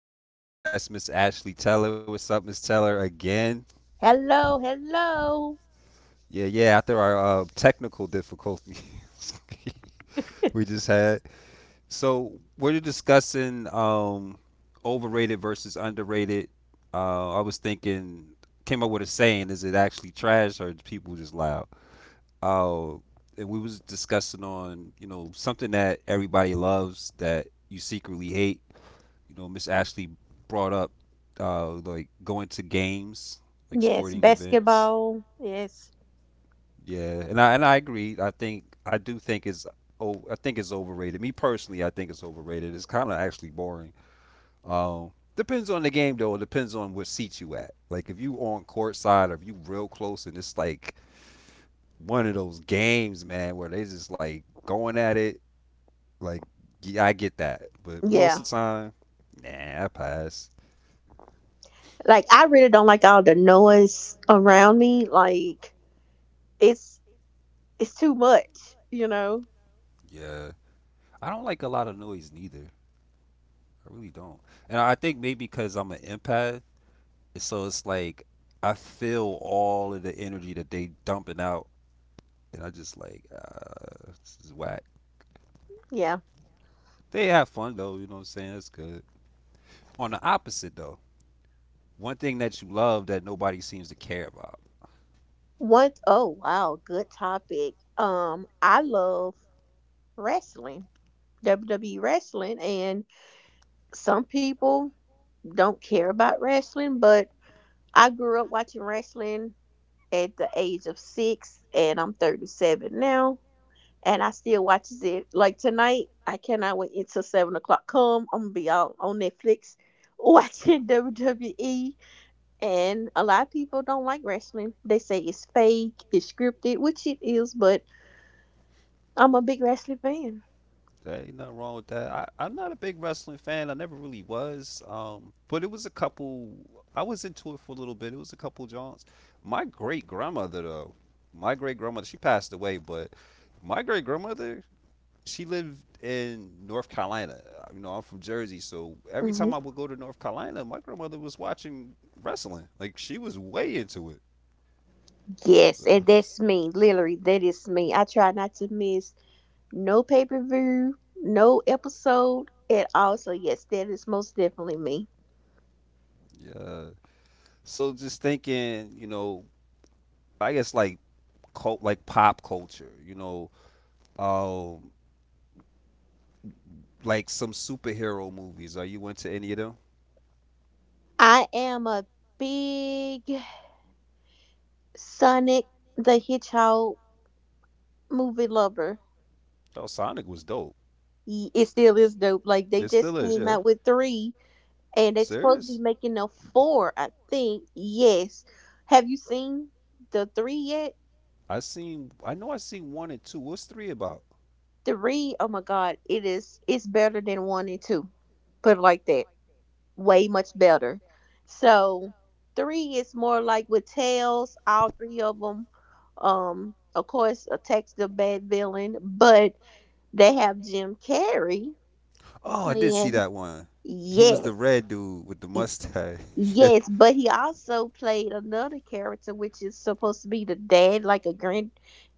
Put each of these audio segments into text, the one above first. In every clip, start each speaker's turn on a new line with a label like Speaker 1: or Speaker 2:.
Speaker 1: back with my special guest, Miss Ashley Teller. What's up, Miss Teller? Again,
Speaker 2: Hello, hello.
Speaker 1: yeah, yeah. After our technical difficulties we just had, so we're discussing overrated versus underrated. I was thinking, came up with a saying: is it actually trash or is people just loud? Uh, and we was discussing on, you know, something that everybody loves that you secretly hate, you know. Miss Ashley brought up like going to games, like
Speaker 2: Yes,
Speaker 1: sporting events.
Speaker 2: basketball. Yes.
Speaker 1: Yeah, and I agree. I think I do think it's oh I think it's overrated. Me personally, I think it's overrated. It's kind of actually boring. Depends on the game though. It depends on what seat you at. Like if you on court side or if you real close and it's like one of those games, man, where they just like going at it. Like yeah, I get that, but
Speaker 2: Yeah.
Speaker 1: most of the time, nah, I pass.
Speaker 2: Like I really don't like all the noise around me. Like it's it's too much, you know?
Speaker 1: Yeah. I don't like a lot of noise neither. I really don't. And I think maybe because I'm an empath, so it's like I feel all of the energy that they dumping out, and I just like this is whack.
Speaker 2: Yeah.
Speaker 1: They have fun though, you know what I'm saying? That's good. On the opposite though, one thing that you love that nobody seems to care about.
Speaker 2: What oh wow, good topic. I love wrestling. WWE wrestling and some people don't care about wrestling, but I grew up watching wrestling at the age of 6 and I'm 37 now. And I still watches it. Like tonight, I cannot wait until 7 o'clock come. I'm gonna be out on Netflix watching WWE. And a lot of people don't like wrestling. They say it's fake, it's scripted, which it is, but I'm a big wrestling fan.
Speaker 1: There ain't nothing wrong with that. I'm not a big wrestling fan. I never really was. But it was a couple. I was into it for a little bit. It was a couple jaunts. My great grandmother, though, my great grandmother, she passed away, but my great grandmother, she lived in North Carolina. You know, I'm from Jersey, so every
Speaker 2: Mhm.
Speaker 1: time I would go to North Carolina, my grandmother was watching wrestling. Like she was way into it.
Speaker 2: Yes, and
Speaker 1: Uh,
Speaker 2: that's me. Literally, that is me. I try not to miss. No pay per view, no episode at all. So, yes, that is most definitely me.
Speaker 1: yeah. So just thinking, you know, I guess like cult, like pop culture, you know. Um, like some superhero movies. Are you into any of them?
Speaker 2: I am a big Sonic the Hedgehog movie lover.
Speaker 1: Oh, Sonic was dope.
Speaker 2: It still is dope. Like, they
Speaker 1: It
Speaker 2: just
Speaker 1: still
Speaker 2: came
Speaker 1: is,
Speaker 2: out
Speaker 1: yeah.
Speaker 2: with three, and they're supposed to be
Speaker 1: Serious?
Speaker 2: making a four, I think. Yes. Have you seen the three yet?
Speaker 1: I seen. I know I seen one and two. What's three about?
Speaker 2: Three, oh my God, it's better than one and two. Put it like that. Way much better. So three is more like with tails, all three of them. Of course, attacks the bad villain, but they have Jim Carrey
Speaker 1: Oh, I did
Speaker 2: playing.
Speaker 1: see that one. He
Speaker 2: Yes,
Speaker 1: was the red dude with the
Speaker 2: y-
Speaker 1: mustache.
Speaker 2: yes, but he also played another character, which is supposed to be the dad, like a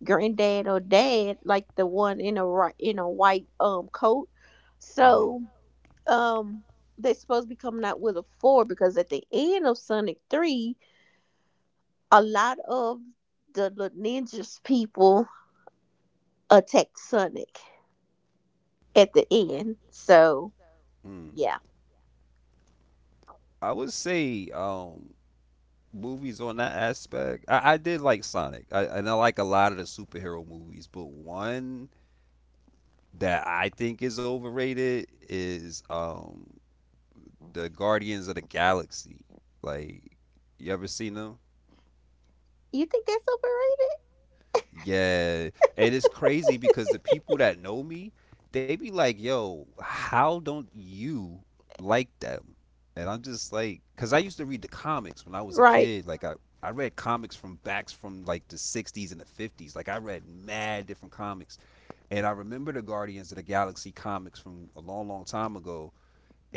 Speaker 2: granddad or dad, like the one in a white coat. So
Speaker 1: Mhm.
Speaker 2: um they supposed to be coming out with a four because at the end of Sonic Three, a lot of the little ninjas people attacked Sonic at the end. So
Speaker 1: Mm,
Speaker 2: yeah,
Speaker 1: I would say movies on that aspect. I did like Sonic, I, and I like a lot of the superhero movies. But one that I think is overrated is the Guardians of the Galaxy. Like, you ever seen them?
Speaker 2: you think that's overrated?
Speaker 1: Yeah, and it's crazy because the people that know me, they be like, "Yo, how don't you like them?" And I'm just like, because I used to read the comics when I was a
Speaker 2: Right?
Speaker 1: kid. Like, I read comics from backs from like the 60s and the 50s. Like, I read mad different comics, and I remember the Guardians of the Galaxy comics from a long, long time ago.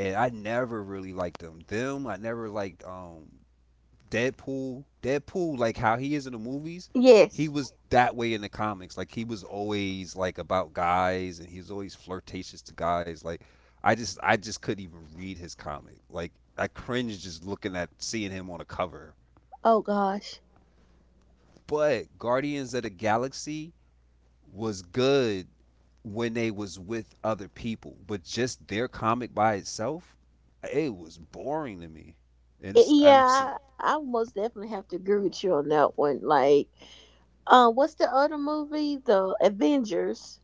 Speaker 1: And I never really liked them. Them, I never liked Deadpool, Deadpool, like how he is in the movies, he
Speaker 2: Yes.
Speaker 1: was that way in the comics. Like he was always like about guys, and he was always flirtatious to guys. Like I just couldn't even read his comic. Like I cringed just looking at seeing him on a cover.
Speaker 2: Oh gosh.
Speaker 1: But Guardians of the Galaxy was good when they was with other people, but just their comic by itself, it was boring to me. Mm-hmm,
Speaker 2: Yeah, I most definitely have to agree with you on that one. Like, what's the other movie? The Avengers.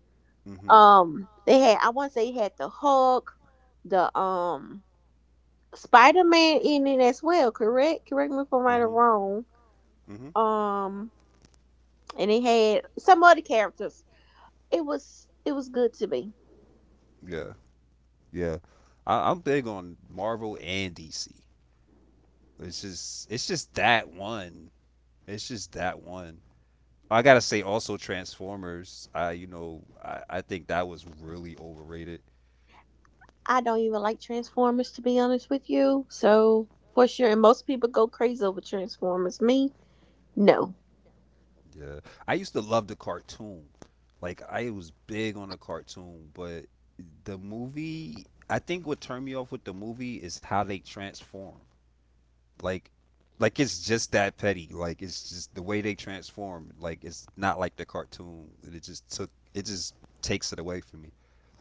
Speaker 2: They had I want to say they had the Hulk, the Spider Man in it as well, correct? Correct me if I'm right or
Speaker 1: hmm
Speaker 2: wrong.
Speaker 1: hmm
Speaker 2: Um, and it had some other characters. It was good to me.
Speaker 1: yeah. Yeah, I'm big on Marvel and DC. It's just that one. It's just that one. I gotta say also Transformers. I you know I think that was really overrated.
Speaker 2: I don't even like Transformers to be honest with you. So for sure, and most people go crazy over Transformers. Me, no.
Speaker 1: Yeah, I used to love the cartoon. Like I was big on the cartoon, but the movie. I think what turned me off with the movie is how they transform. like like it's just that petty. Like it's just the way they transform. Like it's not like the cartoon. It just takes it away from me.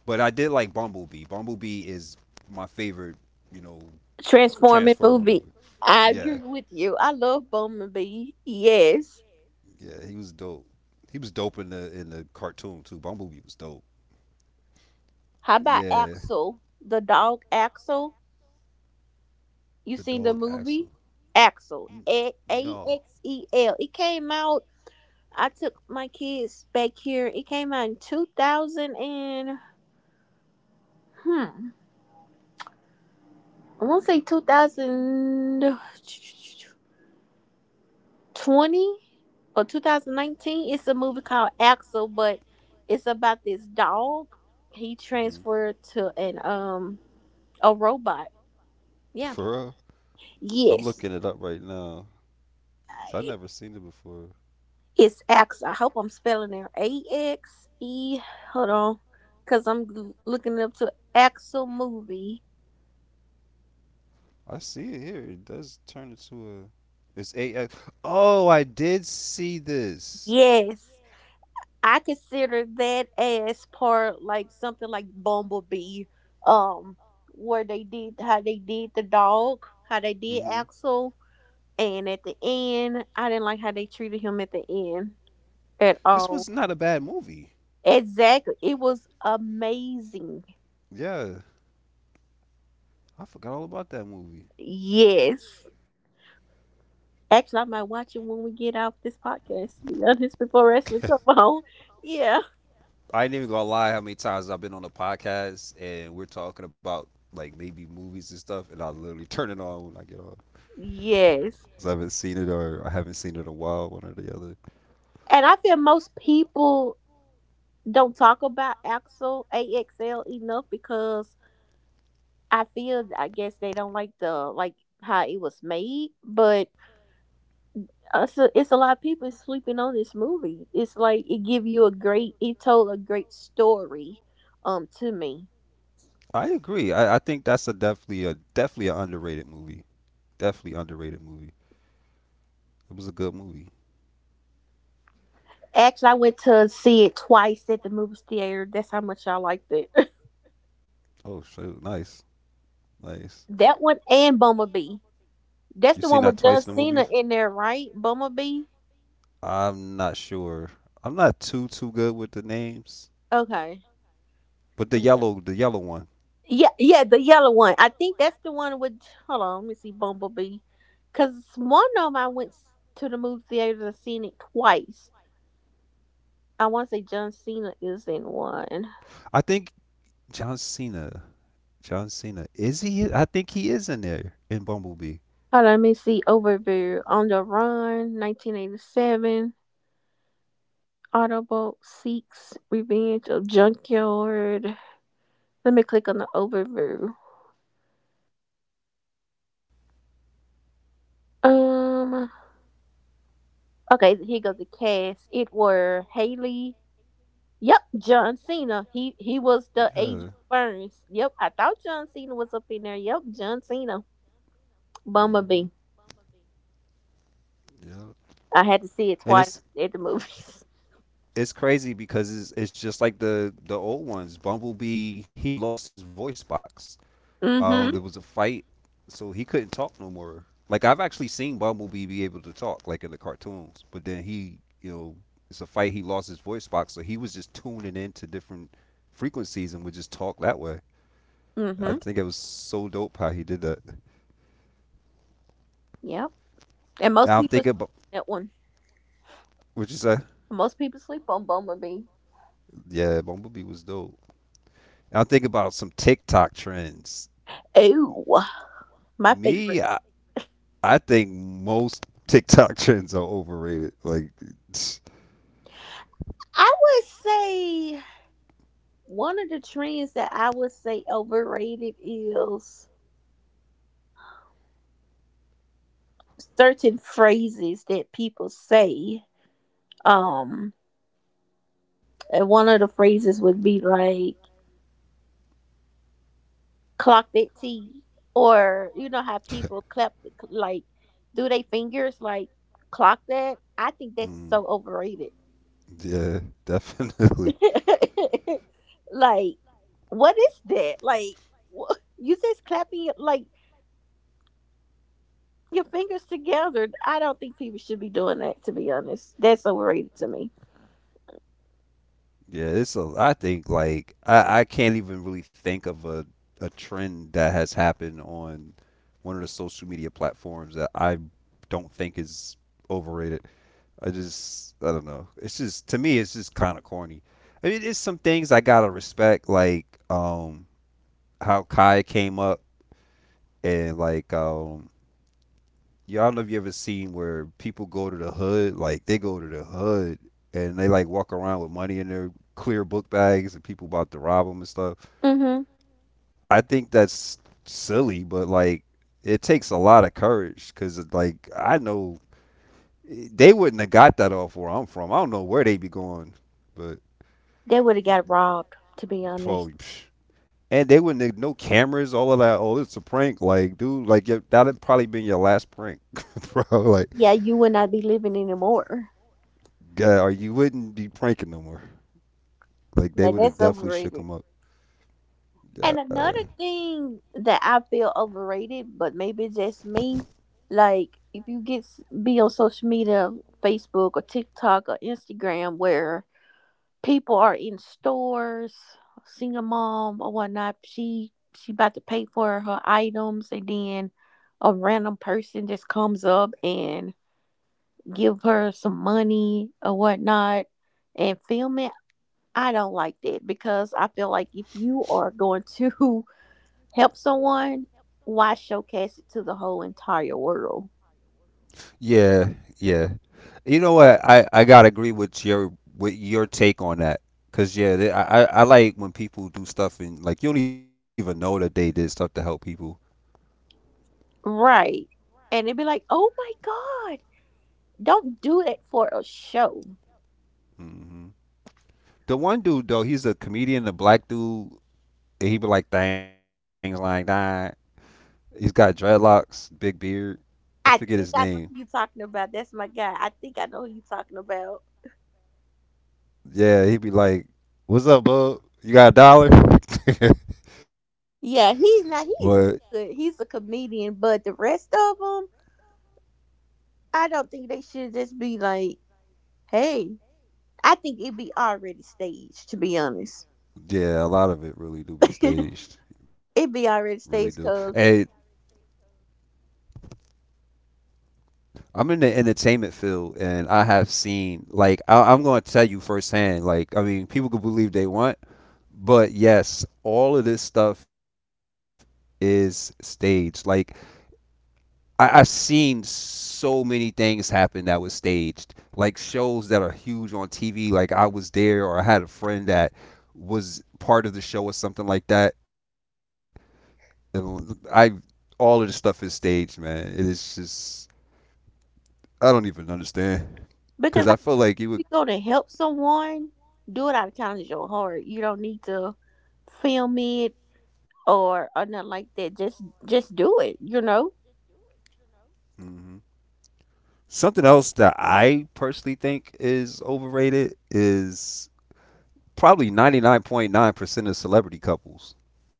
Speaker 1: But I did like Bumblebee. Bumblebee is my favorite, you know,
Speaker 2: Transforming
Speaker 1: Transformer
Speaker 2: movie.
Speaker 1: movie.
Speaker 2: I
Speaker 1: Yeah,
Speaker 2: agree with you. I love Bumblebee. Yes.
Speaker 1: yeah, he was dope. He was dope in the cartoon too. Bumblebee was dope.
Speaker 2: How about
Speaker 1: Yeah,
Speaker 2: Axel, the dog Axel? You
Speaker 1: the
Speaker 2: seen the
Speaker 1: dog
Speaker 2: movie?
Speaker 1: Axel.
Speaker 2: Axel.
Speaker 1: N-
Speaker 2: A
Speaker 1: No,
Speaker 2: X E L. It came out. I took my kids back here. It came out in 2000 and hmm, I won't say 2020 or 2019. It's a movie called Axel, but it's about this dog. He
Speaker 1: hmm,
Speaker 2: transferred to an a robot. Yeah.
Speaker 1: for real. I'm
Speaker 2: Yes.
Speaker 1: looking it up right now, 'cause I never seen it before.
Speaker 2: It's Axel. I hope I'm spelling it AXE. Hold on, cause I'm looking up to Axel movie.
Speaker 1: I see it here. It does turn into a. It's eight. Oh, I did see this.
Speaker 2: Yes. I consider that as part like something like Bumblebee, um, where they did how they did the dog, how they did
Speaker 1: Hmm.
Speaker 2: Axel, and at the end, I didn't like how they treated him at the end at
Speaker 1: This
Speaker 2: all.
Speaker 1: was not a bad movie.
Speaker 2: Exactly, it was amazing.
Speaker 1: Yeah, I forgot all about that movie.
Speaker 2: Yes, actually, I might watch it when we get off this podcast. To be honest, before wrestling come on, yeah,
Speaker 1: I ain't even gonna lie how many times I've been on the podcast and we're talking about like maybe movies and stuff, and I literally turn it on when I get off.
Speaker 2: yes.
Speaker 1: 'Cause I haven't seen it or I haven't seen it in a while, one or the other.
Speaker 2: And I feel most people don't talk about Axel AXL enough because I feel I guess they don't like the like how it was made, but it's a lot of people sleeping on this movie. It's like it told a great story to me.
Speaker 1: I agree. I think that's a definitely an underrated movie. Definitely underrated movie. It was a good movie.
Speaker 2: Actually, I went to see it twice at the movie theater. That's how much I liked it.
Speaker 1: Oh shoot, nice, nice.
Speaker 2: that one and Bumblebee. That's
Speaker 1: You
Speaker 2: the one
Speaker 1: seen that
Speaker 2: with John
Speaker 1: twice in the movie?
Speaker 2: Cena in there, right? Bumblebee.
Speaker 1: I'm not sure. I'm not too good with the names,
Speaker 2: Okay,
Speaker 1: but
Speaker 2: but yeah.
Speaker 1: the yellow one.
Speaker 2: Yeah, yeah, the yellow one. I think that's the one with. Hold on, let me see Bumblebee, because one of them I went to the movie theater and seen it twice. I want to say John Cena is in one.
Speaker 1: I think John Cena. John Cena. Is he? I think he is in there in Bumblebee.
Speaker 2: Hold on, let me see overview on the run, 1987. Autobot seeks revenge of junkyard. Let me click on the overview. Um. Okay, here goes the cast. It were Haley. Yep, John Cena. He was the
Speaker 1: Yeah.
Speaker 2: agent Burns. Yep, I thought John Cena was up in there. Yep, John Cena. Bummer
Speaker 1: Hmm.
Speaker 2: bee.
Speaker 1: Yeah.
Speaker 2: I had to see it
Speaker 1: And
Speaker 2: twice
Speaker 1: it's
Speaker 2: at the movies.
Speaker 1: it's crazy because it's just like the old ones. Bumblebee, he lost his voice box. There
Speaker 2: Hmm,
Speaker 1: was a fight, so he couldn't talk no more. Like I've actually seen Bumblebee be able to talk, like in the cartoons, but then he, you know, it's a fight. He lost his voice box, so he was just tuning into different frequencies and would just talk that way. I
Speaker 2: hmm.
Speaker 1: think it was so dope how he did that.
Speaker 2: Yep. And most
Speaker 1: Now I'm
Speaker 2: people
Speaker 1: thinking about
Speaker 2: that one.
Speaker 1: what you say.
Speaker 2: Most people sleep on Bummer bee.
Speaker 1: Yeah, Bumblebee was dope. Now I'm thinking about some TikTok trends.
Speaker 2: Oh, my
Speaker 1: Me,
Speaker 2: favorite.
Speaker 1: I, I think most TikTok trends are overrated. Like
Speaker 2: I would say one of the trends that I would say overrated is certain phrases that people say. Um, and one of the phrases would be like clock their teeth, or you know how people clap, like do they fingers like clock that. I think that's
Speaker 1: mm.
Speaker 2: so overrated.
Speaker 1: Yeah, definitely.
Speaker 2: Like, what is that, like you just clapping like your fingers together. I don't think people should be doing that, to be honest. That's overrated to me.
Speaker 1: Yeah, it's a. I think like I can't even really think of a trend that has happened on one of the social media platforms that I don't think is overrated. I just I don't know. It's just to me it's just kind of corny. I mean, it's some things I gotta respect, like how Kai came up and like y'all I don't know if you ever seen where people go to the hood, like they go to the hood and they like walk around with money in their clear book bags and people about to rob them and stuff.
Speaker 2: Hmm.
Speaker 1: I think that's silly, but like it takes a lot of courage because like I know they wouldn't have got that off where I'm from. I don't know where they be going, but
Speaker 2: They would have got robbed, to be honest.
Speaker 1: probably. Psh. And they wouldn't have no cameras, all of that. Oh, it's a prank, like dude, like that would probably been your last prank, bro. Like,
Speaker 2: Yeah, you would not be living anymore.
Speaker 1: yeah, or you wouldn't be pranking no more. Like they
Speaker 2: Yeah,
Speaker 1: would have
Speaker 2: that's
Speaker 1: definitely shook
Speaker 2: overrated.
Speaker 1: him up.
Speaker 2: And
Speaker 1: Uh,
Speaker 2: another thing that I feel overrated, but maybe it's just me, like if you get be on social media, Facebook or TikTok or Instagram, where people are in stores, single mom or whatnot, she about to pay for her items, and then a random person just comes up and give her some money or whatnot, and film it. I don't like that because I feel like if you are going to help someone, why showcase it to the whole entire world?
Speaker 1: Yeah, yeah. You know what? I gotta agree with your take on that. Cause yeah, they, I like when people do stuff and like you don't even know that they did stuff to help people.
Speaker 2: Right. And it'd be like, oh my God, don't do it for a show.
Speaker 1: Hmm. The one dude though, he's a comedian, a black dude. And he be like things like that. He's got dreadlocks, big beard. I forget his
Speaker 2: I
Speaker 1: name.
Speaker 2: think I know who you're talking about. That's my guy. I think I know who you're talking about.
Speaker 1: Yeah, he'd be like, "What's up, bub? You got a dollar?"
Speaker 2: Yeah,
Speaker 1: But
Speaker 2: he's not, he's good. He's a comedian, but the rest of them, I don't think they should just be like, hey, I think it'd be already staged, to be honest.
Speaker 1: yeah, a lot of it really do be staged. Really
Speaker 2: It'd
Speaker 1: do.
Speaker 2: be already
Speaker 1: And
Speaker 2: staged cause,
Speaker 1: I'm in the entertainment field, and I have seen like I'm going to tell you firsthand. Like I mean, people can believe they want, but yes, all of this stuff is staged. Like I've seen so many things happen that was staged. Like shows that are huge on TV. Like I was there, or I had a friend that was part of the show or something like that I all of this stuff is staged, man. It is just I don't even understand
Speaker 2: because I.
Speaker 1: because I feel
Speaker 2: You
Speaker 1: like you
Speaker 2: go
Speaker 1: would.
Speaker 2: to help someone, do it out of kindness of your heart. You don't need to film it or nothing like that. Just do it, you know?
Speaker 1: Hmm. Something else that I personally think is overrated is probably ninety nine point % of celebrity couples.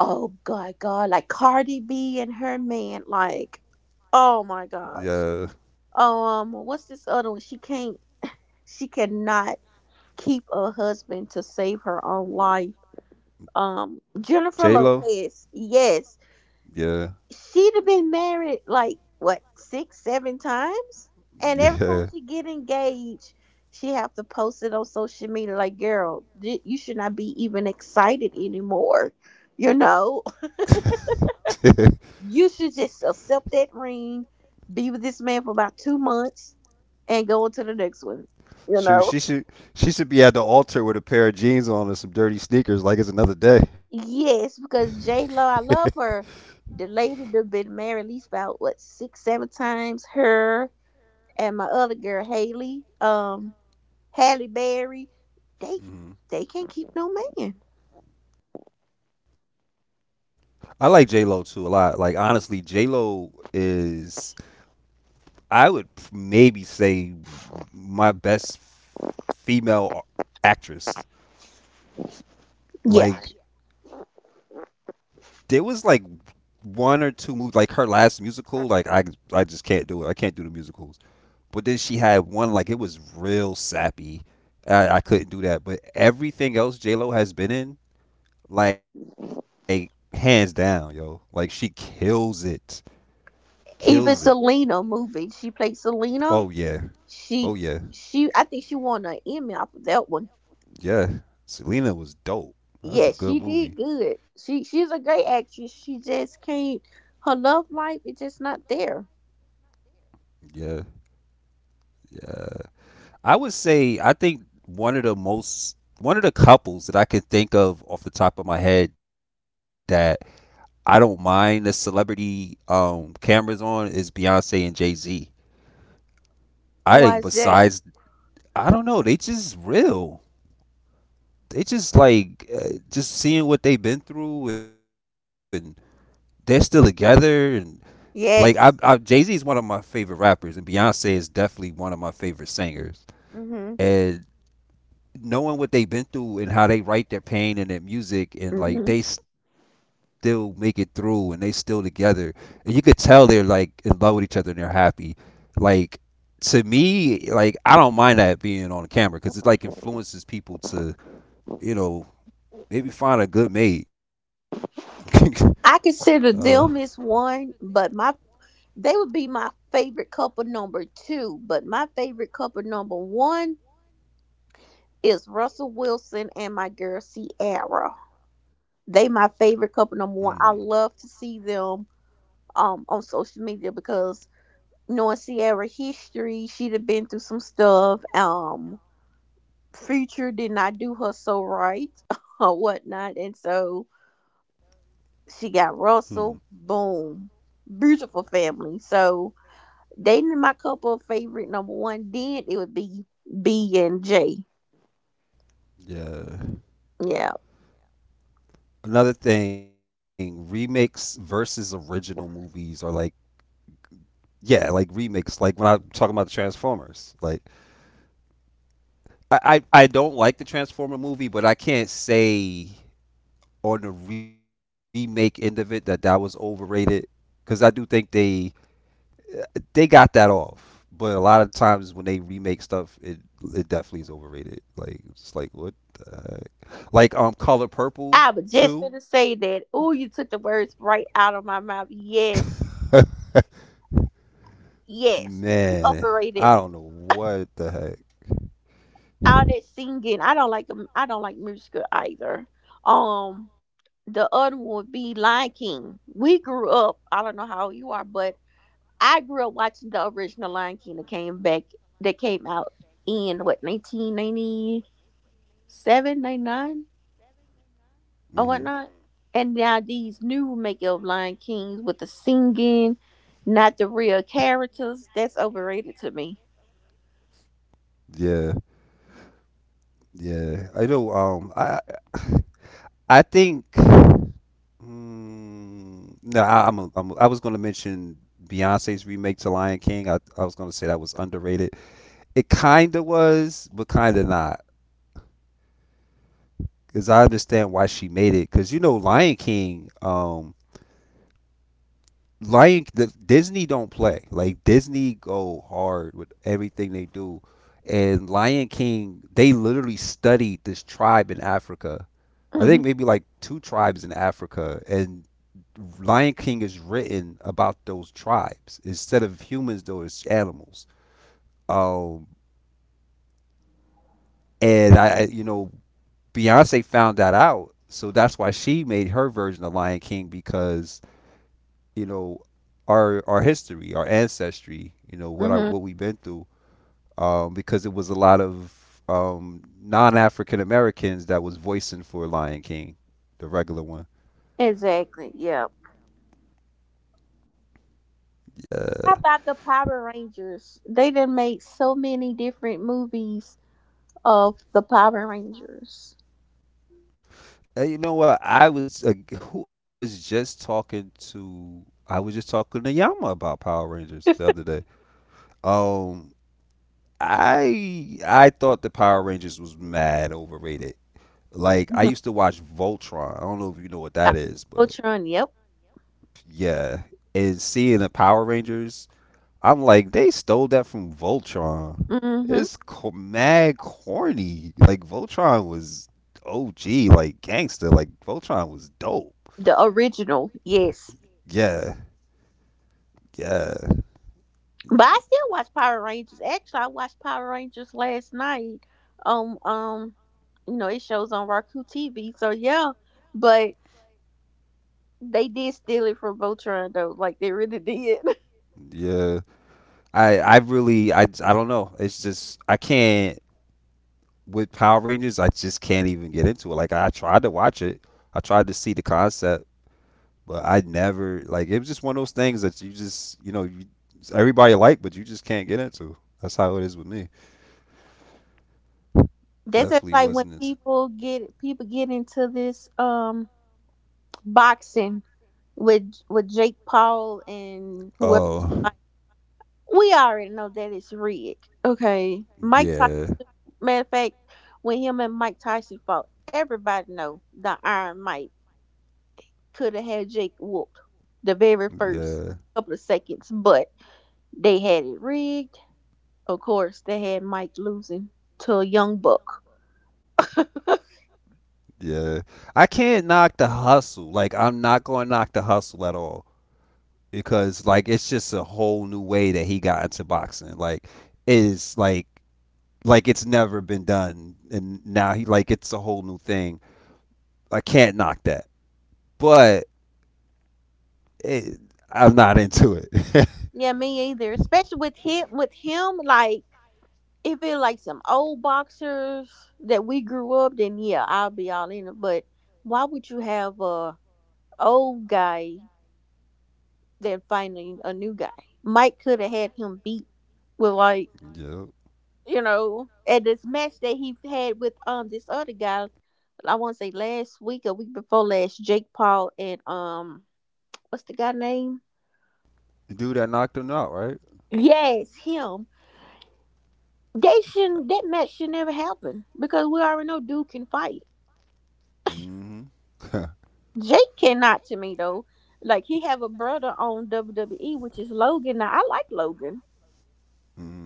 Speaker 2: Oh god, God, like Cardi B and her man, like oh my gosh.
Speaker 1: Yeah,
Speaker 2: What's this other one? She cannot keep a husband to save her own life.
Speaker 1: J Lo.
Speaker 2: Jennifer Lopez, yes,
Speaker 1: Yeah,
Speaker 2: she'd have been married like what six seven times, and every time she
Speaker 1: yeah.
Speaker 2: get engaged she have to post it on social media like, girl, you should not be even excited anymore you know you should just accept that ring, be with this man for about 2 months, and go on to the next one you
Speaker 1: Shoot,
Speaker 2: know
Speaker 1: she should be at the altar with a pair of jeans on and some dirty sneakers, like it's another day.
Speaker 2: yes, because J Lo, I love her, the lady that been married at least about what six seven times, her and my other girl Haley. Halle Berry, they they can't
Speaker 1: Mhm.
Speaker 2: keep no man.
Speaker 1: I like J Lo too a lot. Like honestly, J Lo is I would maybe say my best female actress.
Speaker 2: Yeah,
Speaker 1: Like there was like one or two movies, like her last musical. I just can't do it. I can't do the musicals. But then she had one like it was real sappy. I couldn't do that. But everything else J Lo has been in, like hands down, yo. Like she kills it, kills
Speaker 2: even
Speaker 1: it.
Speaker 2: Selena movie, she played Selena.
Speaker 1: Oh yeah,
Speaker 2: She
Speaker 1: oh yeah,
Speaker 2: I think she won an Emmy off of that one.
Speaker 1: yeah. Selena was dope.
Speaker 2: Yeah,
Speaker 1: That
Speaker 2: she
Speaker 1: was a
Speaker 2: did
Speaker 1: good movie.
Speaker 2: good. She's a great actress. She just can't. Her love life is just not there.
Speaker 1: Yeah, I would say I think one of the most one of the couples that I can think of off the top of my head that I don't mind the celebrity cameras on is Beyonce and Jay Z. I think
Speaker 2: And why is
Speaker 1: besides
Speaker 2: that?
Speaker 1: I don't know, they just real. They just like just seeing what they've been through and they're still together and like I Jay Z is
Speaker 2: Yes.
Speaker 1: one of my favorite rappers, and Beyonce is definitely one of my favorite singers.
Speaker 2: Mhm.
Speaker 1: And knowing what they've been through and how they write their pain in their music, and like
Speaker 2: Mhm.
Speaker 1: they still make it through, and they still together, and you could tell they're like in love with each other and they're happy. Like to me, like I don't mind that being on the camera because it like influences people to you know maybe find a good mate. uh,
Speaker 2: I consider them as one, but my they would be my favorite couple number two. But my favorite couple number one is Russell Wilson and my girl Ciara. They my favorite couple
Speaker 1: hmm.
Speaker 2: number one. I love to see them on social media because knowing Ciara history, she'd have been through some stuff. Future did not do her so right or whatnot. And so she
Speaker 1: Hmm.
Speaker 2: got Russell. Boom. Beautiful family. So they my couple favorite number one. Then it would be B and J.
Speaker 1: Yeah.
Speaker 2: Yeah.
Speaker 1: Another thing, remakes versus original movies are like yeah, like remakes. Like when I'm talking about the Transformers, like I don't like the Transformer movie, but I can't say on the remake end of it that that was overrated because I do think they got that off. But a lot of times when they remake stuff, it definitely is overrated. Like it's like what the heck? Like Color
Speaker 2: I
Speaker 1: Purple
Speaker 2: was just
Speaker 1: too.
Speaker 2: finna say that. Oh, you took the words right out of my mouth. Yes, yes.
Speaker 1: Man,
Speaker 2: You
Speaker 1: I don't know
Speaker 2: overrated.
Speaker 1: what the heck.
Speaker 2: All that singing. I don't like. I don't like musical either. Um, the other one would be Lion King. We grew up. I don't know how old you are, but I grew up watching the original Lion King that came back. That came out in what, 1997, 99,
Speaker 1: Hmm
Speaker 2: or whatnot. And now these new making of Lion Kings with the singing, not the real characters. That's overrated to me.
Speaker 1: Yeah, yeah. I know. I think. Mm, no, I, I'm, a, I'm. Am ai was gonna mention Beyonce's remake to Lion King. I was gonna say that was underrated. It kinda was, but kinda not. Cause I understand why she made it. Cause you know, Lion King. Disney don't play. Like Disney go hard with everything they do. And Lion King, they literally studied this tribe in Africa. I think
Speaker 2: Hmm,
Speaker 1: maybe like two tribes in Africa, and Lion King is written about those tribes. Instead of humans though, it's animals. Um and I- you know, Beyonce found that out. So that's why she made her version of Lion King because you know our history, our ancestry, you know what I
Speaker 2: hmm.
Speaker 1: what we've been through, because it was a lot of non-African Americans that was voicing for Lion King, the regular one.
Speaker 2: Exactly. Yeah.
Speaker 1: Yeah,
Speaker 2: How about the Power Rangers? They done made so many different movies of the Power Rangers.
Speaker 1: and you know what? I was just talking to. I was just talking to Yama about Power Rangers the other day. Um, I thought the Power Rangers was mad overrated. Like I
Speaker 2: Mhm.
Speaker 1: used to watch Voltron. I don't know if you know what
Speaker 2: Uh,
Speaker 1: that is, but
Speaker 2: Voltron. Yep.
Speaker 1: yeah, and seeing the Power Rangers, I'm like, they stole that from Voltron.
Speaker 2: Hmm.
Speaker 1: It's mad corny. Like Voltron was OG, like gangster. Like Voltron was dope.
Speaker 2: The original. Yes.
Speaker 1: Yeah, yeah,
Speaker 2: But I still watch Power Rangers. Actually, I watched Power Rangers last night. Um, um, it shows on Roku TV. So yeah, but they did steal it from Voltron though. Like they really did.
Speaker 1: yeah. I really I don't know. It's just I can't with Power Rangers. I just can't even get into it. Like I tried to watch it. I tried to see the concept. But I never like, it was just one of those things that you just you know you, everybody like, but you just can't get into. That's how it is with me.
Speaker 2: That's just
Speaker 1: Definitely
Speaker 2: like when
Speaker 1: wasn't it.
Speaker 2: people get into this boxing with Jake Paul and whoever.
Speaker 1: Oh
Speaker 2: Like, we already know that it's rigged. Okay, Mike Tyson.
Speaker 1: yeah,
Speaker 2: Matter of fact, when him and Mike Tyson fought, everybody know the Iron Mike could have had Jake whooped the very first
Speaker 1: yeah,
Speaker 2: couple of seconds, but they had it rigged. Of course, they had Mike losing to a young buck.
Speaker 1: yeah. I can't knock the hustle. Like I'm not gonna knock the hustle at all because like it's just a whole new way that he got into boxing. Like it is like it's never been done, and now he like it's a whole new thing. I can't knock that, but it, I'm not into it.
Speaker 2: Yeah, me either. Especially with him, like if it like some old boxers that we grew up, then yeah, I'll be all in it. But why would you have a old guy then finding a new guy? Mike could have had him beat with like
Speaker 1: Yep.
Speaker 2: at this match that he had with this other guy, I want to say last week or week before last, Jake Paul and what's the guy name?
Speaker 1: Dude that knocked him out, right?
Speaker 2: Yes, him. They shouldn't. That match should never happen because we already know dude can fight.
Speaker 1: Mm-hmm.
Speaker 2: Jake cannot to me though. Like he have a brother on WWE, which is Logan. Now I like Logan.
Speaker 1: Mm-hmm.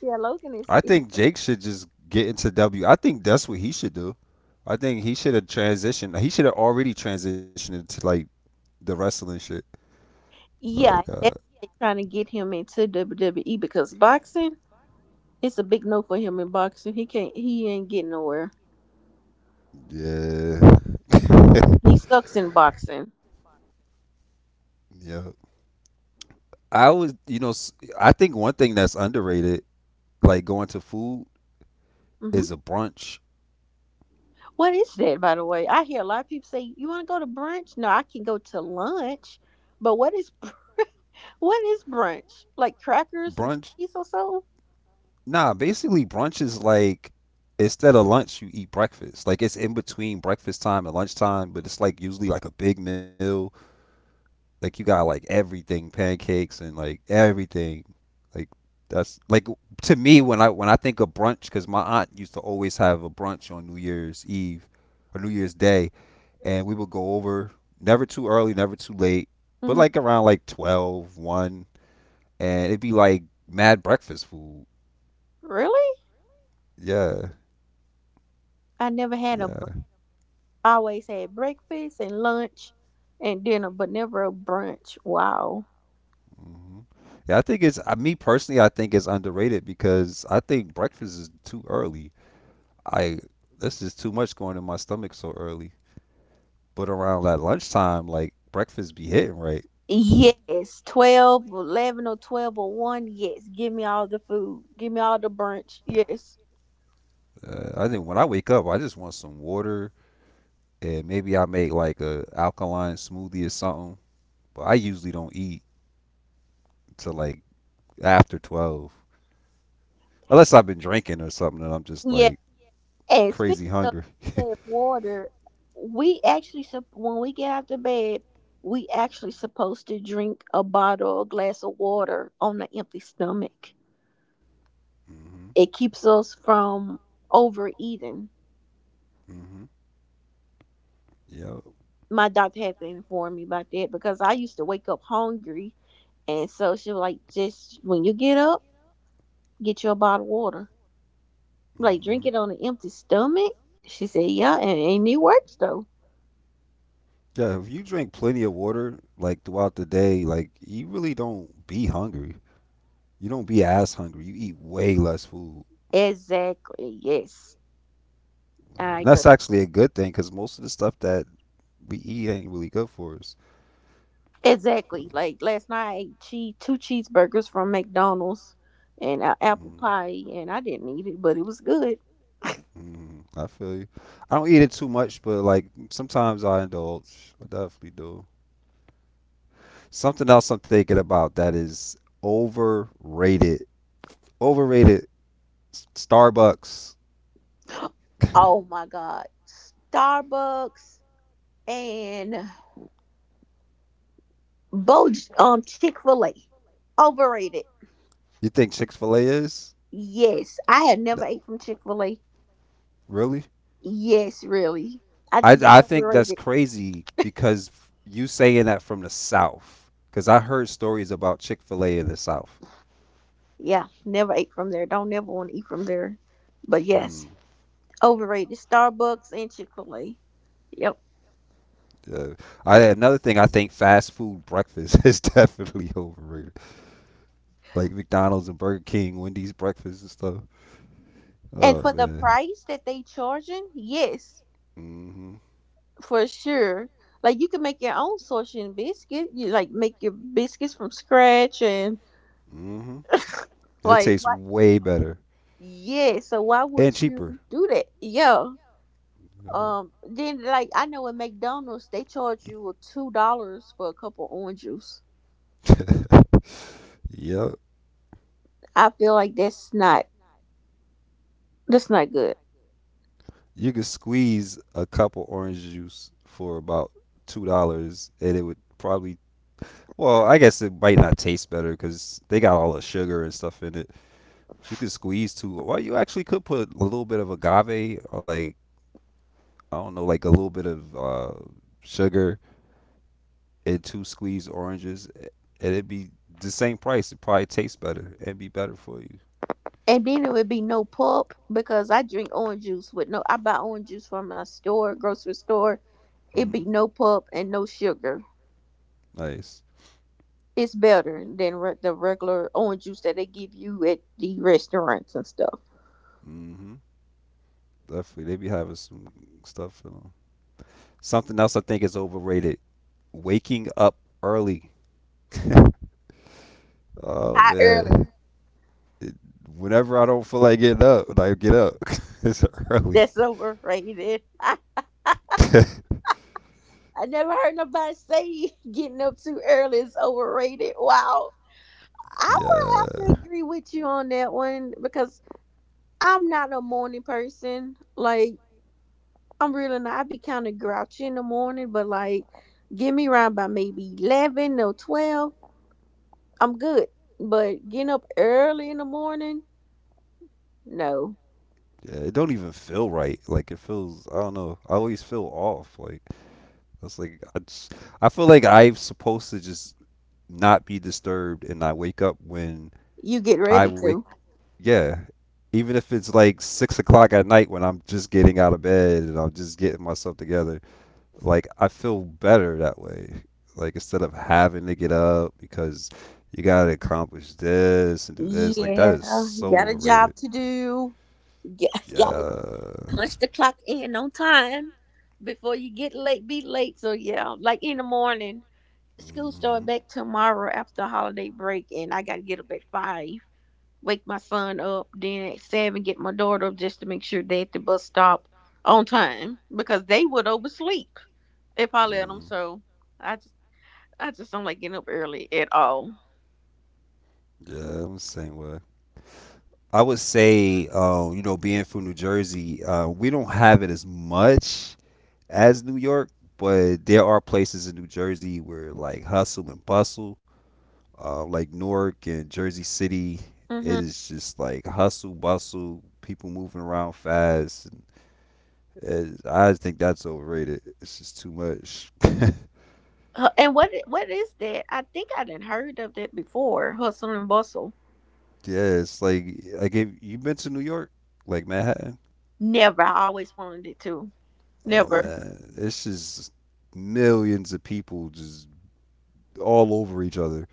Speaker 2: Yeah, Logan
Speaker 1: I
Speaker 2: is.
Speaker 1: think Jake should just get into W. I think that's what he should do. I think he should have transitioned. He should have already transitioned into like the wrestling shit. Oh
Speaker 2: Yeah,
Speaker 1: god,
Speaker 2: that's what they trying to get him into WWE because boxing. It's a big no for him in boxing. He can't. He ain't getting nowhere.
Speaker 1: yeah,
Speaker 2: He sucks in boxing.
Speaker 1: yeah. I was, you know, s- I think one thing that's underrated, like going to food,
Speaker 2: hmm
Speaker 1: is a brunch.
Speaker 2: What is that, by the way? I hear a lot of people say, "You want to go to brunch?" No, I can go to lunch. But what is what is brunch? Like crackers and
Speaker 1: Brunch,
Speaker 2: cheese or so?
Speaker 1: nah, basically brunch is like instead of lunch, you eat breakfast. Like it's in between breakfast time and lunchtime, but it's like usually like a big meal. Like you got like everything, pancakes and like everything. Like that's like to me when I think of brunch, because my aunt used to always have a brunch on New Year's Eve or New Year's Day, and we would go over never too early, never too late, but
Speaker 2: hmm
Speaker 1: like around like 12, one, and it'd be like mad breakfast food.
Speaker 2: Really?
Speaker 1: Yeah,
Speaker 2: I never had a brunch.
Speaker 1: yeah.
Speaker 2: I always had breakfast and lunch and dinner, but never a brunch. Wow.
Speaker 1: hmm Yeah, I think me personally, I think it's underrated because I think breakfast is too early. I this is too much going in my stomach so early. But around that lunchtime, like breakfast be hitting right.
Speaker 2: Yes, 12, 11, or 12 or 1. Yes, give me all the food. Give me all the brunch. Yes.
Speaker 1: I think when I wake up, I just want some water, and maybe I make like a alkaline smoothie or something. But I usually don't eat till like after 12, unless I've been drinking or something and I'm just
Speaker 2: Yeah.
Speaker 1: like
Speaker 2: And speaking
Speaker 1: crazy
Speaker 2: of
Speaker 1: hungry.
Speaker 2: that water, we actually, when we get out of bed, we actually supposed to drink a bottle or glass of water on an empty stomach.
Speaker 1: Hmm
Speaker 2: It keeps us from overeating.
Speaker 1: hmm Yep.
Speaker 2: My doctor had to inform me about that because I used to wake up hungry. And so she was like, just when you get up, get you a bottle of water. Like,
Speaker 1: hmm
Speaker 2: drink it on an empty stomach. She said, yeah, and it works though.
Speaker 1: Yeah, if you drink plenty of water like throughout the day, like you really don't be hungry. You don't be as hungry. You eat way less food.
Speaker 2: Exactly. Yes, I
Speaker 1: And
Speaker 2: agree.
Speaker 1: that's actually a good thing because most of the stuff that we eat ain't really good for us.
Speaker 2: Exactly.
Speaker 1: So,
Speaker 2: Like last night, I ate cheese, two cheeseburgers from McDonald's and a apple
Speaker 1: mm,
Speaker 2: pie, and I didn't eat it, but it was good.
Speaker 1: I feel you. I don't eat it too much, but like sometimes I indulge. I definitely do. Something else I'm thinking about that is overrated. Overrated. Starbucks.
Speaker 2: Oh my God. Starbucks and Bo Chick Fil A, overrated.
Speaker 1: You think Chick Fil A is?
Speaker 2: Yes, I have
Speaker 1: No,
Speaker 2: never ate from Chick Fil A.
Speaker 1: really?
Speaker 2: Yes, really, I think
Speaker 1: I
Speaker 2: that's
Speaker 1: think that's
Speaker 2: overrated.
Speaker 1: crazy because you saying that from the South, because I heard stories about Chick Fil A in the South.
Speaker 2: Yeah, never ate from there. Don't never want to eat from there. But yes,
Speaker 1: Hmm.
Speaker 2: overrated. Starbucks and Chick Fil A. Yep.
Speaker 1: Uh, I another thing, I think fast food breakfast is definitely overrated, like McDonald's and Burger King, Wendy's breakfast and stuff.
Speaker 2: And
Speaker 1: Oh
Speaker 2: for the
Speaker 1: man,
Speaker 2: price that they charging, yes,
Speaker 1: mhm,
Speaker 2: for sure. Like you can make your own sushi and biscuit. You like make your biscuits from scratch and
Speaker 1: mhm. It
Speaker 2: like
Speaker 1: tastes
Speaker 2: what?
Speaker 1: way better
Speaker 2: Yeah. So why would
Speaker 1: and
Speaker 2: you
Speaker 1: cheaper.
Speaker 2: do that? Yeah. Then like I know at McDonald's they charge you $2 for a cup of orange juice.
Speaker 1: Yep,
Speaker 2: I feel like that's not good.
Speaker 1: you could squeeze a cup of orange juice for about $2, and it would probably, well, I guess it might not taste better because they got all the sugar and stuff in it. But you could squeeze too. Well, you actually could put a little bit of agave or like I don't know, like a little bit of sugar and two squeezed oranges, and it'd be the same price. It probably tastes better. It'd be better for you.
Speaker 2: And then it would be no pulp because I drink orange juice with no. I buy orange juice from my store, grocery store. It be
Speaker 1: Hmm
Speaker 2: no pulp and no sugar.
Speaker 1: Nice.
Speaker 2: It's better than the regular orange juice that they give you at the restaurants and stuff.
Speaker 1: Hmm Definitely, they be having some stuff. You know. Something else I think is overrated: waking up early. Oh
Speaker 2: How early?
Speaker 1: man. it, Whenever I don't feel like getting up, like get up. It's early.
Speaker 2: That's overrated.
Speaker 1: Yeah.
Speaker 2: I never heard nobody say getting up too early is overrated. Wow. I would have to
Speaker 1: Yeah,
Speaker 2: agree with you on that one because I'm not a morning person. Like, I'm really not. I be kind of grouchy in the morning, but like, get me around by maybe 11 or 12. I'm good. But getting up early in the morning, no.
Speaker 1: it don't even feel right. Like it feels, I don't know. I always feel off. Like it's like I, just, I feel like I'm supposed to just not be disturbed and not wake up when
Speaker 2: You get
Speaker 1: I
Speaker 2: ready
Speaker 1: wake.
Speaker 2: to.
Speaker 1: Yeah, even if it's like 6 o'clock at night when I'm just getting out of bed and I'm just getting myself together, like I feel better that way. Like instead of having to get up because you gotta accomplish this and do this, like that
Speaker 2: Yeah,
Speaker 1: is
Speaker 2: you
Speaker 1: so
Speaker 2: got a job
Speaker 1: overrated.
Speaker 2: to do. Yeah, gotta
Speaker 1: Yeah.
Speaker 2: punch the clock in on time before you be late. So yeah, like in the morning, school
Speaker 1: hmm
Speaker 2: start back tomorrow after holiday break, and I gotta get up at five, wake my son up, then at seven get my daughter up just to make sure they at the bus stop on time because they would oversleep if I let them.
Speaker 1: Mm,
Speaker 2: So I just I just don't like getting up early at all.
Speaker 1: yeah, I'm the same way. I would say, you know, being from New Jersey, we don't have it as much as New York, but there are places in New Jersey where like hustle and bustle like Newark and Jersey City, it
Speaker 2: Mm-hmm.
Speaker 1: is just like hustle bustle, people moving around fast. And I just think that's overrated. It's just too much. Yeah,
Speaker 2: And what is that? I think I didn't heard of that before. Hustle and bustle.
Speaker 1: it's like if you been to New York, like Manhattan.
Speaker 2: Never. I always wanted it to.
Speaker 1: Oh
Speaker 2: Never.
Speaker 1: man, it's just millions of people just all over each other.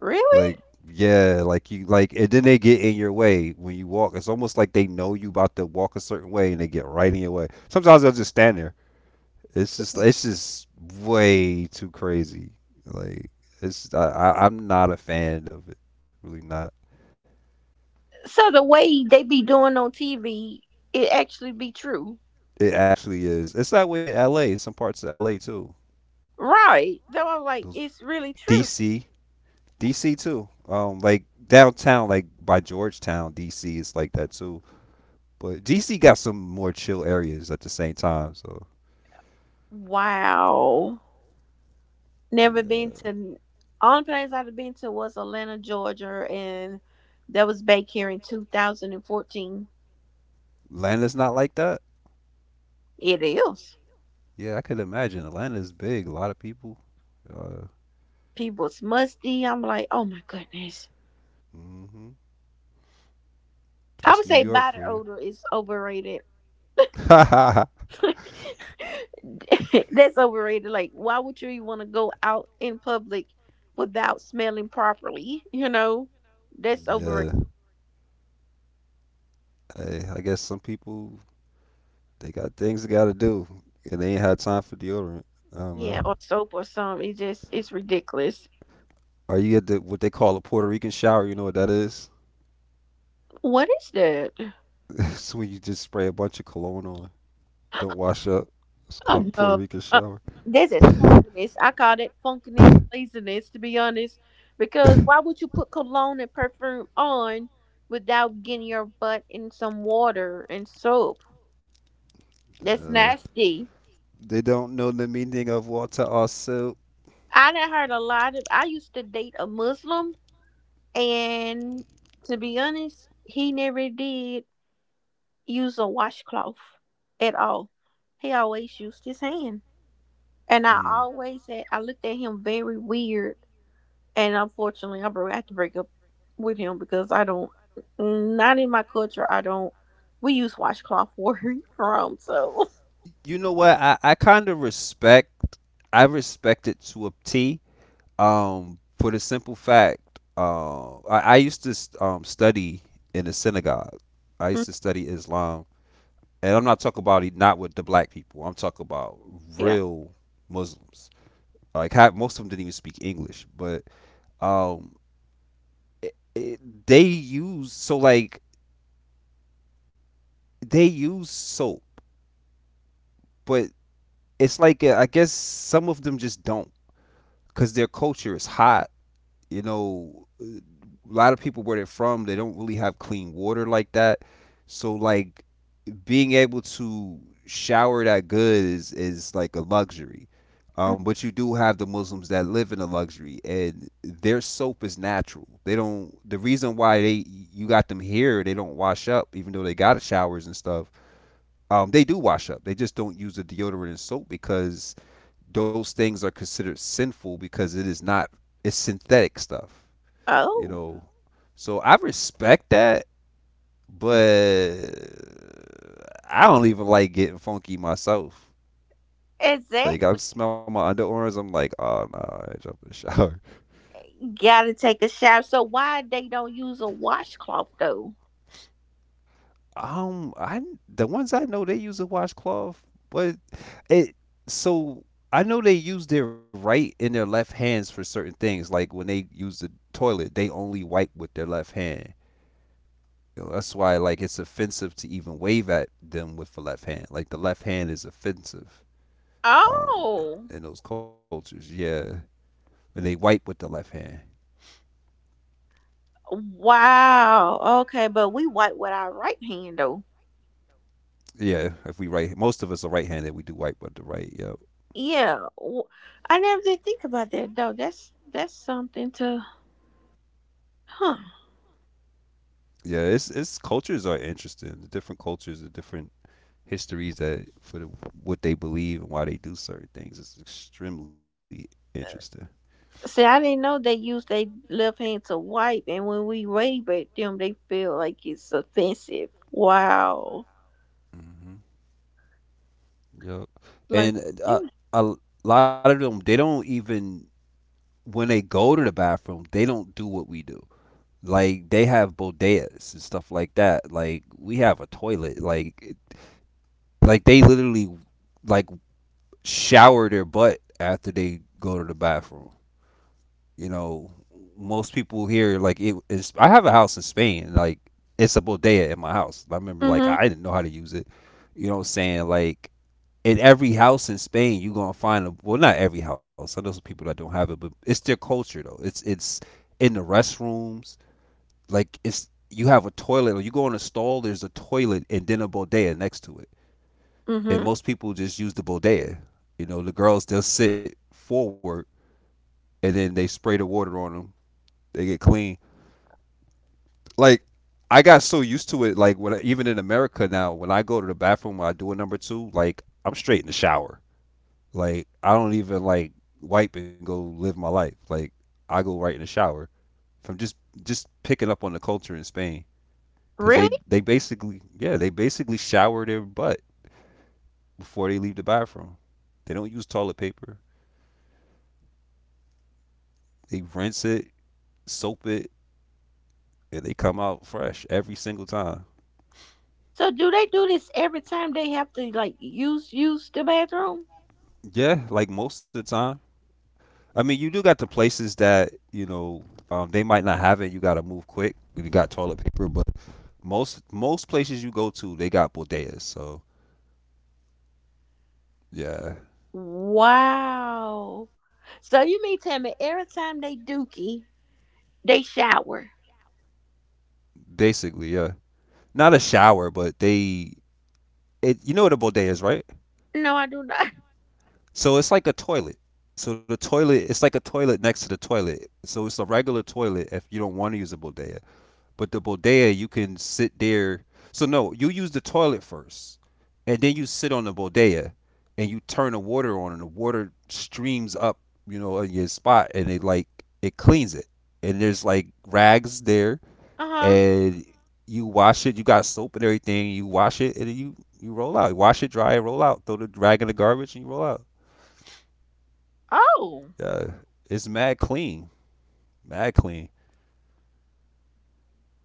Speaker 2: Really?
Speaker 1: Like yeah, like you like, and then they get in your way when you walk. It's almost like they know you about to walk a certain way and they get right in your way. Sometimes they'll just stand there. It's just way too crazy. Like it's I I'm not a fan of it. Really not.
Speaker 2: So the way they be doing on TV, it actually be true.
Speaker 1: It actually is. It's that way in LA, some parts of LA too.
Speaker 2: Right. So I was like,
Speaker 1: Those
Speaker 2: it's really true.
Speaker 1: DC, DC too. Um, like downtown, like by Georgetown, DC is like that too. But DC got some more chill areas at the same time, so
Speaker 2: Wow. Never been
Speaker 1: yeah.
Speaker 2: to only place I've been to was Atlanta, Georgia, and that was back here in 2014.
Speaker 1: Atlanta's not like that.
Speaker 2: It is.
Speaker 1: Yeah, I could imagine. Atlanta's big, a lot of people. Uh,
Speaker 2: People's musty. I'm like, oh my goodness.
Speaker 1: mhm.
Speaker 2: I
Speaker 1: That's
Speaker 2: would
Speaker 1: New
Speaker 2: say
Speaker 1: York
Speaker 2: body
Speaker 1: for you.
Speaker 2: odor is overrated. That's overrated. Like, why would you even want to go out in public without smelling properly? You know, that's overrated.
Speaker 1: Yeah, hey, I guess some people, they got things they gotta do, and they ain't had time for deodorant. I don't
Speaker 2: Yeah,
Speaker 1: know.
Speaker 2: or soap or something. It just it's ridiculous.
Speaker 1: Are you at the what they call a Puerto Rican shower? You know what that is?
Speaker 2: What is that?
Speaker 1: It's when you just spray a bunch of cologne on, don't wash up. It's
Speaker 2: Oh
Speaker 1: called a Puerto
Speaker 2: no,
Speaker 1: Rican
Speaker 2: uh,
Speaker 1: shower.
Speaker 2: this is funkiness. I call that funkiness and laziness, to be honest. Because why would you put cologne and perfume on without getting your butt in some water and soap? That's
Speaker 1: Uh,
Speaker 2: nasty.
Speaker 1: they don't know the meaning of water or soap.
Speaker 2: I done heard a lot of. I used to date a Muslim, and to be honest, he never did use a washcloth at all. He always used his hand, and I
Speaker 1: Mm.
Speaker 2: always said I looked at him very weird. And unfortunately, I broke. I had to break up with him because I don't. Not in my culture. I don't. We use washcloth where he from, so
Speaker 1: You know what? I kind of respect. I respect it to a T. For the simple fact, I used to study in the synagogue. I
Speaker 2: mm,
Speaker 1: used to study Islam, and I'm not talking about it not with the black people. I'm talking about
Speaker 2: yeah.
Speaker 1: real Muslims. Like ha most of them didn't even speak English, but um, it, it, they use they use soap, but it's like I guess some of them just don't because their culture is high. You know, a lot of people where they're from, they don't really have clean water like that. So like being able to shower that good is like a luxury.
Speaker 2: Mm.
Speaker 1: But you do have the Muslims that live in a luxury, and their soap is natural. They don't. The reason why they you got them here, they don't wash up, even though they got showers and stuff. They do wash up. They just don't use the deodorant and soap because those things are considered sinful because it is not. It's synthetic stuff. You
Speaker 2: Oh,
Speaker 1: know, so I respect that, but I don't even like getting funky myself. Like
Speaker 2: exactly.
Speaker 1: I smell my underarms, I'm like, oh no, I ain't jumping in the shower.
Speaker 2: Gotta take a shower. So why they don't use a washcloth though?
Speaker 1: I the ones I know they use a washcloth, but it so I know they use their right and their left hands for certain things. Like when they use the toilet, they only wipe with their left hand. You know, that's why like it's offensive to even wave at them with the left hand. Like the left hand is offensive. Um,
Speaker 2: Oh,
Speaker 1: in those cultures. Yeah, and they wipe with the left hand.
Speaker 2: wow. Okay, but we wipe with our right hand though.
Speaker 1: Yeah, if we right, most of us are right-handed. We do wipe with the right. Yep.
Speaker 2: Yeah, I never did think about that though. That's something to, huh?
Speaker 1: Yeah, it's cultures are interesting. The different cultures, the different histories what they believe and why they do certain things. It's extremely interesting.
Speaker 2: See, I didn't know they use their left hand to wipe, and when we wave at them, they feel like it's offensive. Wow.
Speaker 1: Hmm. Yep.
Speaker 2: Like,
Speaker 1: And
Speaker 2: yeah.
Speaker 1: a lot of them, they don't even when they go to the bathroom, they don't do what we do. Like they have bodegas and stuff like that. Like we have a toilet. Like they literally like shower their butt after they go to the bathroom. You know, most people here like it is. I have a house in Spain. Like it's a bodega in my house. I remember like
Speaker 2: Mhm.
Speaker 1: I didn't know how to use it. You know what I'm saying? Like in every house in Spain, you gonna find a well, not every house. I know some people that don't have it, but it's their culture though. It's in the restrooms. Like it's you have a toilet or you go in a stall. There's a toilet and then a bodega next to it, and
Speaker 2: Mhm.
Speaker 1: most people just use the bodega. You know, the girls they'll sit forward and then they spray the water on them. They get clean. Like I got so used to it. Like when I, even in America now, when I go to the bathroom, when I do a number two, like I'm straight in the shower. Like I don't even like wipe and go live my life. Like I go right in the shower from just picking up on the culture in Spain because
Speaker 2: Really?
Speaker 1: they basically, yeah, they basically shower their butt before they leave the bathroom. They don't use toilet paper. They rinse it, soap it, and they come out fresh every single time.
Speaker 2: So do they do this every time they have to like use the bathroom?
Speaker 1: Yeah, like most of the time. I mean, you do got the places that, you know, they might not have it. You got to move quick. You got toilet paper, but most places you go to, they got bodegas. So yeah,
Speaker 2: Wow. So you mean tell me every time they dookie, they shower?
Speaker 1: basically, yeah. Not a shower, but they it. You know what a bodega is, right?
Speaker 2: No, I do not.
Speaker 1: So it's like a toilet. So the toilet, it's like a toilet next to the toilet. So it's a regular toilet if you don't want to use a bodega. But the bodega, you can sit there. So no, you use the toilet first, and then you sit on the bodega, and you turn the water on, and the water streams up, you know, in your spot, and it like it cleans it. And there's like rags there,
Speaker 2: Uh huh.
Speaker 1: and you wash it. You got soap and everything. You wash it, and then you roll out. You wash it dry and roll out. Throw the rag in the garbage, and you roll out.
Speaker 2: Oh.
Speaker 1: Uh, it's mad clean, mad clean.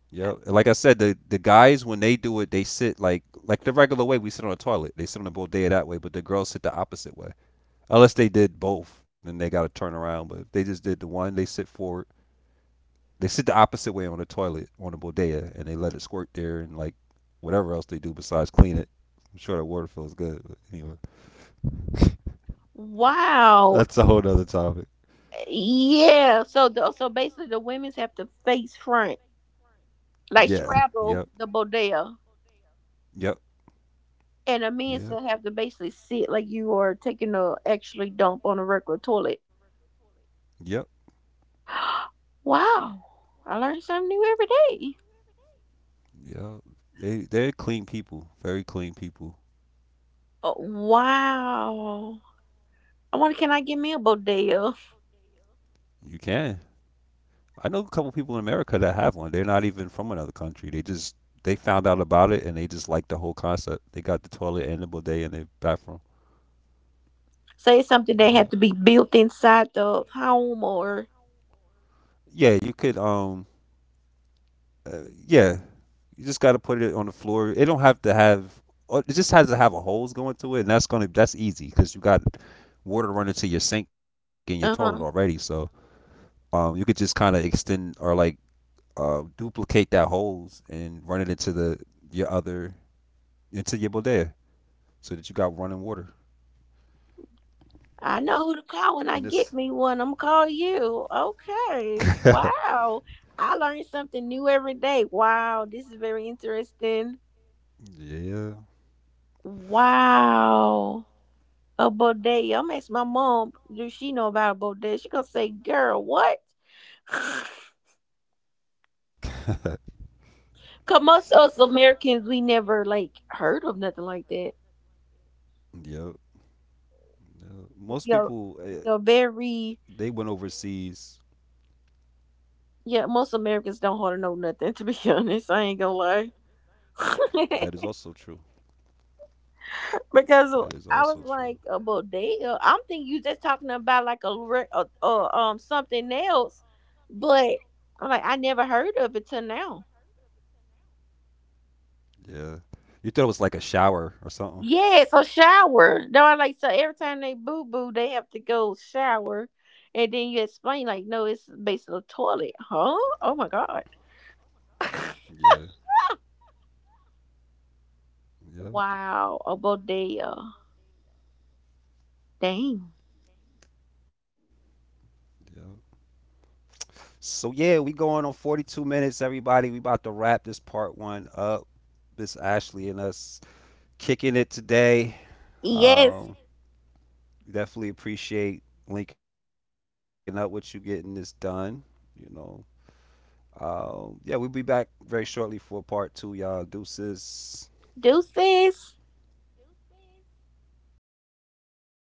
Speaker 1: Yep. And like I said, the guys when they do it, they sit like the regular way we sit on a toilet. They sit on a bodega that way, but the girls sit the opposite way. Unless they did both, then they got to turn around. But if they just did the one, they sit forward. They sit the opposite way on the toilet on the bodega, and they let it squirt there and like whatever else they do besides clean it. I'm sure that water feels good. But anyway,
Speaker 2: Wow.
Speaker 1: that's a whole other topic.
Speaker 2: Yeah. So the, so basically, the women's have to face front, like
Speaker 1: Yeah.
Speaker 2: straddle
Speaker 1: Yep.
Speaker 2: the bodega,
Speaker 1: Yep.
Speaker 2: and the men's to
Speaker 1: Yep.
Speaker 2: have to basically sit like you are taking a actually dump on a regular toilet.
Speaker 1: Yep.
Speaker 2: Wow. I learn something new every day.
Speaker 1: Yep. They they're clean people. Very clean people.
Speaker 2: Oh, wow. I wonder, can I get me a bodega?
Speaker 1: You can. I know a couple people in America that have one. They're not even from another country. They just they found out about it and they just like the whole concept. They got the toilet and the bidet in their bathroom.
Speaker 2: Say it's something that had to be
Speaker 1: Yeah.
Speaker 2: built inside the home or
Speaker 1: Yeah, you could. Yeah, you just gotta put it on the floor. It don't have to have. Or it just has to have a hose going to it, and that's easy because you got water running to your sink and your toilet
Speaker 2: uh-huh.
Speaker 1: already. So you could just kind of extend or like duplicate that hose and run it into the your other into your bodega so that you got running water.
Speaker 2: I know who to
Speaker 1: And
Speaker 2: call when
Speaker 1: it's
Speaker 2: I get me one. I'm gonna call you. Okay. Wow. I learn something new every day. Wow, this is very interesting.
Speaker 1: yeah,
Speaker 2: Wow. A bodega. I'm ask my mom, do she know about a bodega? She gonna say, girl, what? Cause most of us Americans we never like heard of nothing like that.
Speaker 1: yeah. Yeah.
Speaker 2: We
Speaker 1: Most
Speaker 2: are,
Speaker 1: people
Speaker 2: we are
Speaker 1: they went
Speaker 2: very.
Speaker 1: overseas.
Speaker 2: Yeah, most Americans don't hardly know nothing, to be honest. I ain't gonna lie.
Speaker 1: That is also true. That
Speaker 2: Because
Speaker 1: is
Speaker 2: I
Speaker 1: also
Speaker 2: was
Speaker 1: true.
Speaker 2: like, well, I'm thinking you just talking about like something else. But I'm like, I never heard of it till now.
Speaker 1: Yeah. You thought it was like a shower or something.
Speaker 2: Yeah, so shower. No, I like so every time they boo boo, they have to go shower, and then you explain like, no, it's basically a toilet, huh? Oh my god!
Speaker 1: Yeah. Yeah.
Speaker 2: Wow, a bodega. Dang.
Speaker 1: Yeah. So yeah, we going on 42 minutes, everybody. We about to wrap this part one up. It's Ashley and us kicking it today.
Speaker 2: Yes,
Speaker 1: Um, definitely appreciate linking up with you, getting this done. You know, yeah, we'll be back very shortly for part two, y'all. Deuces.
Speaker 2: deuces.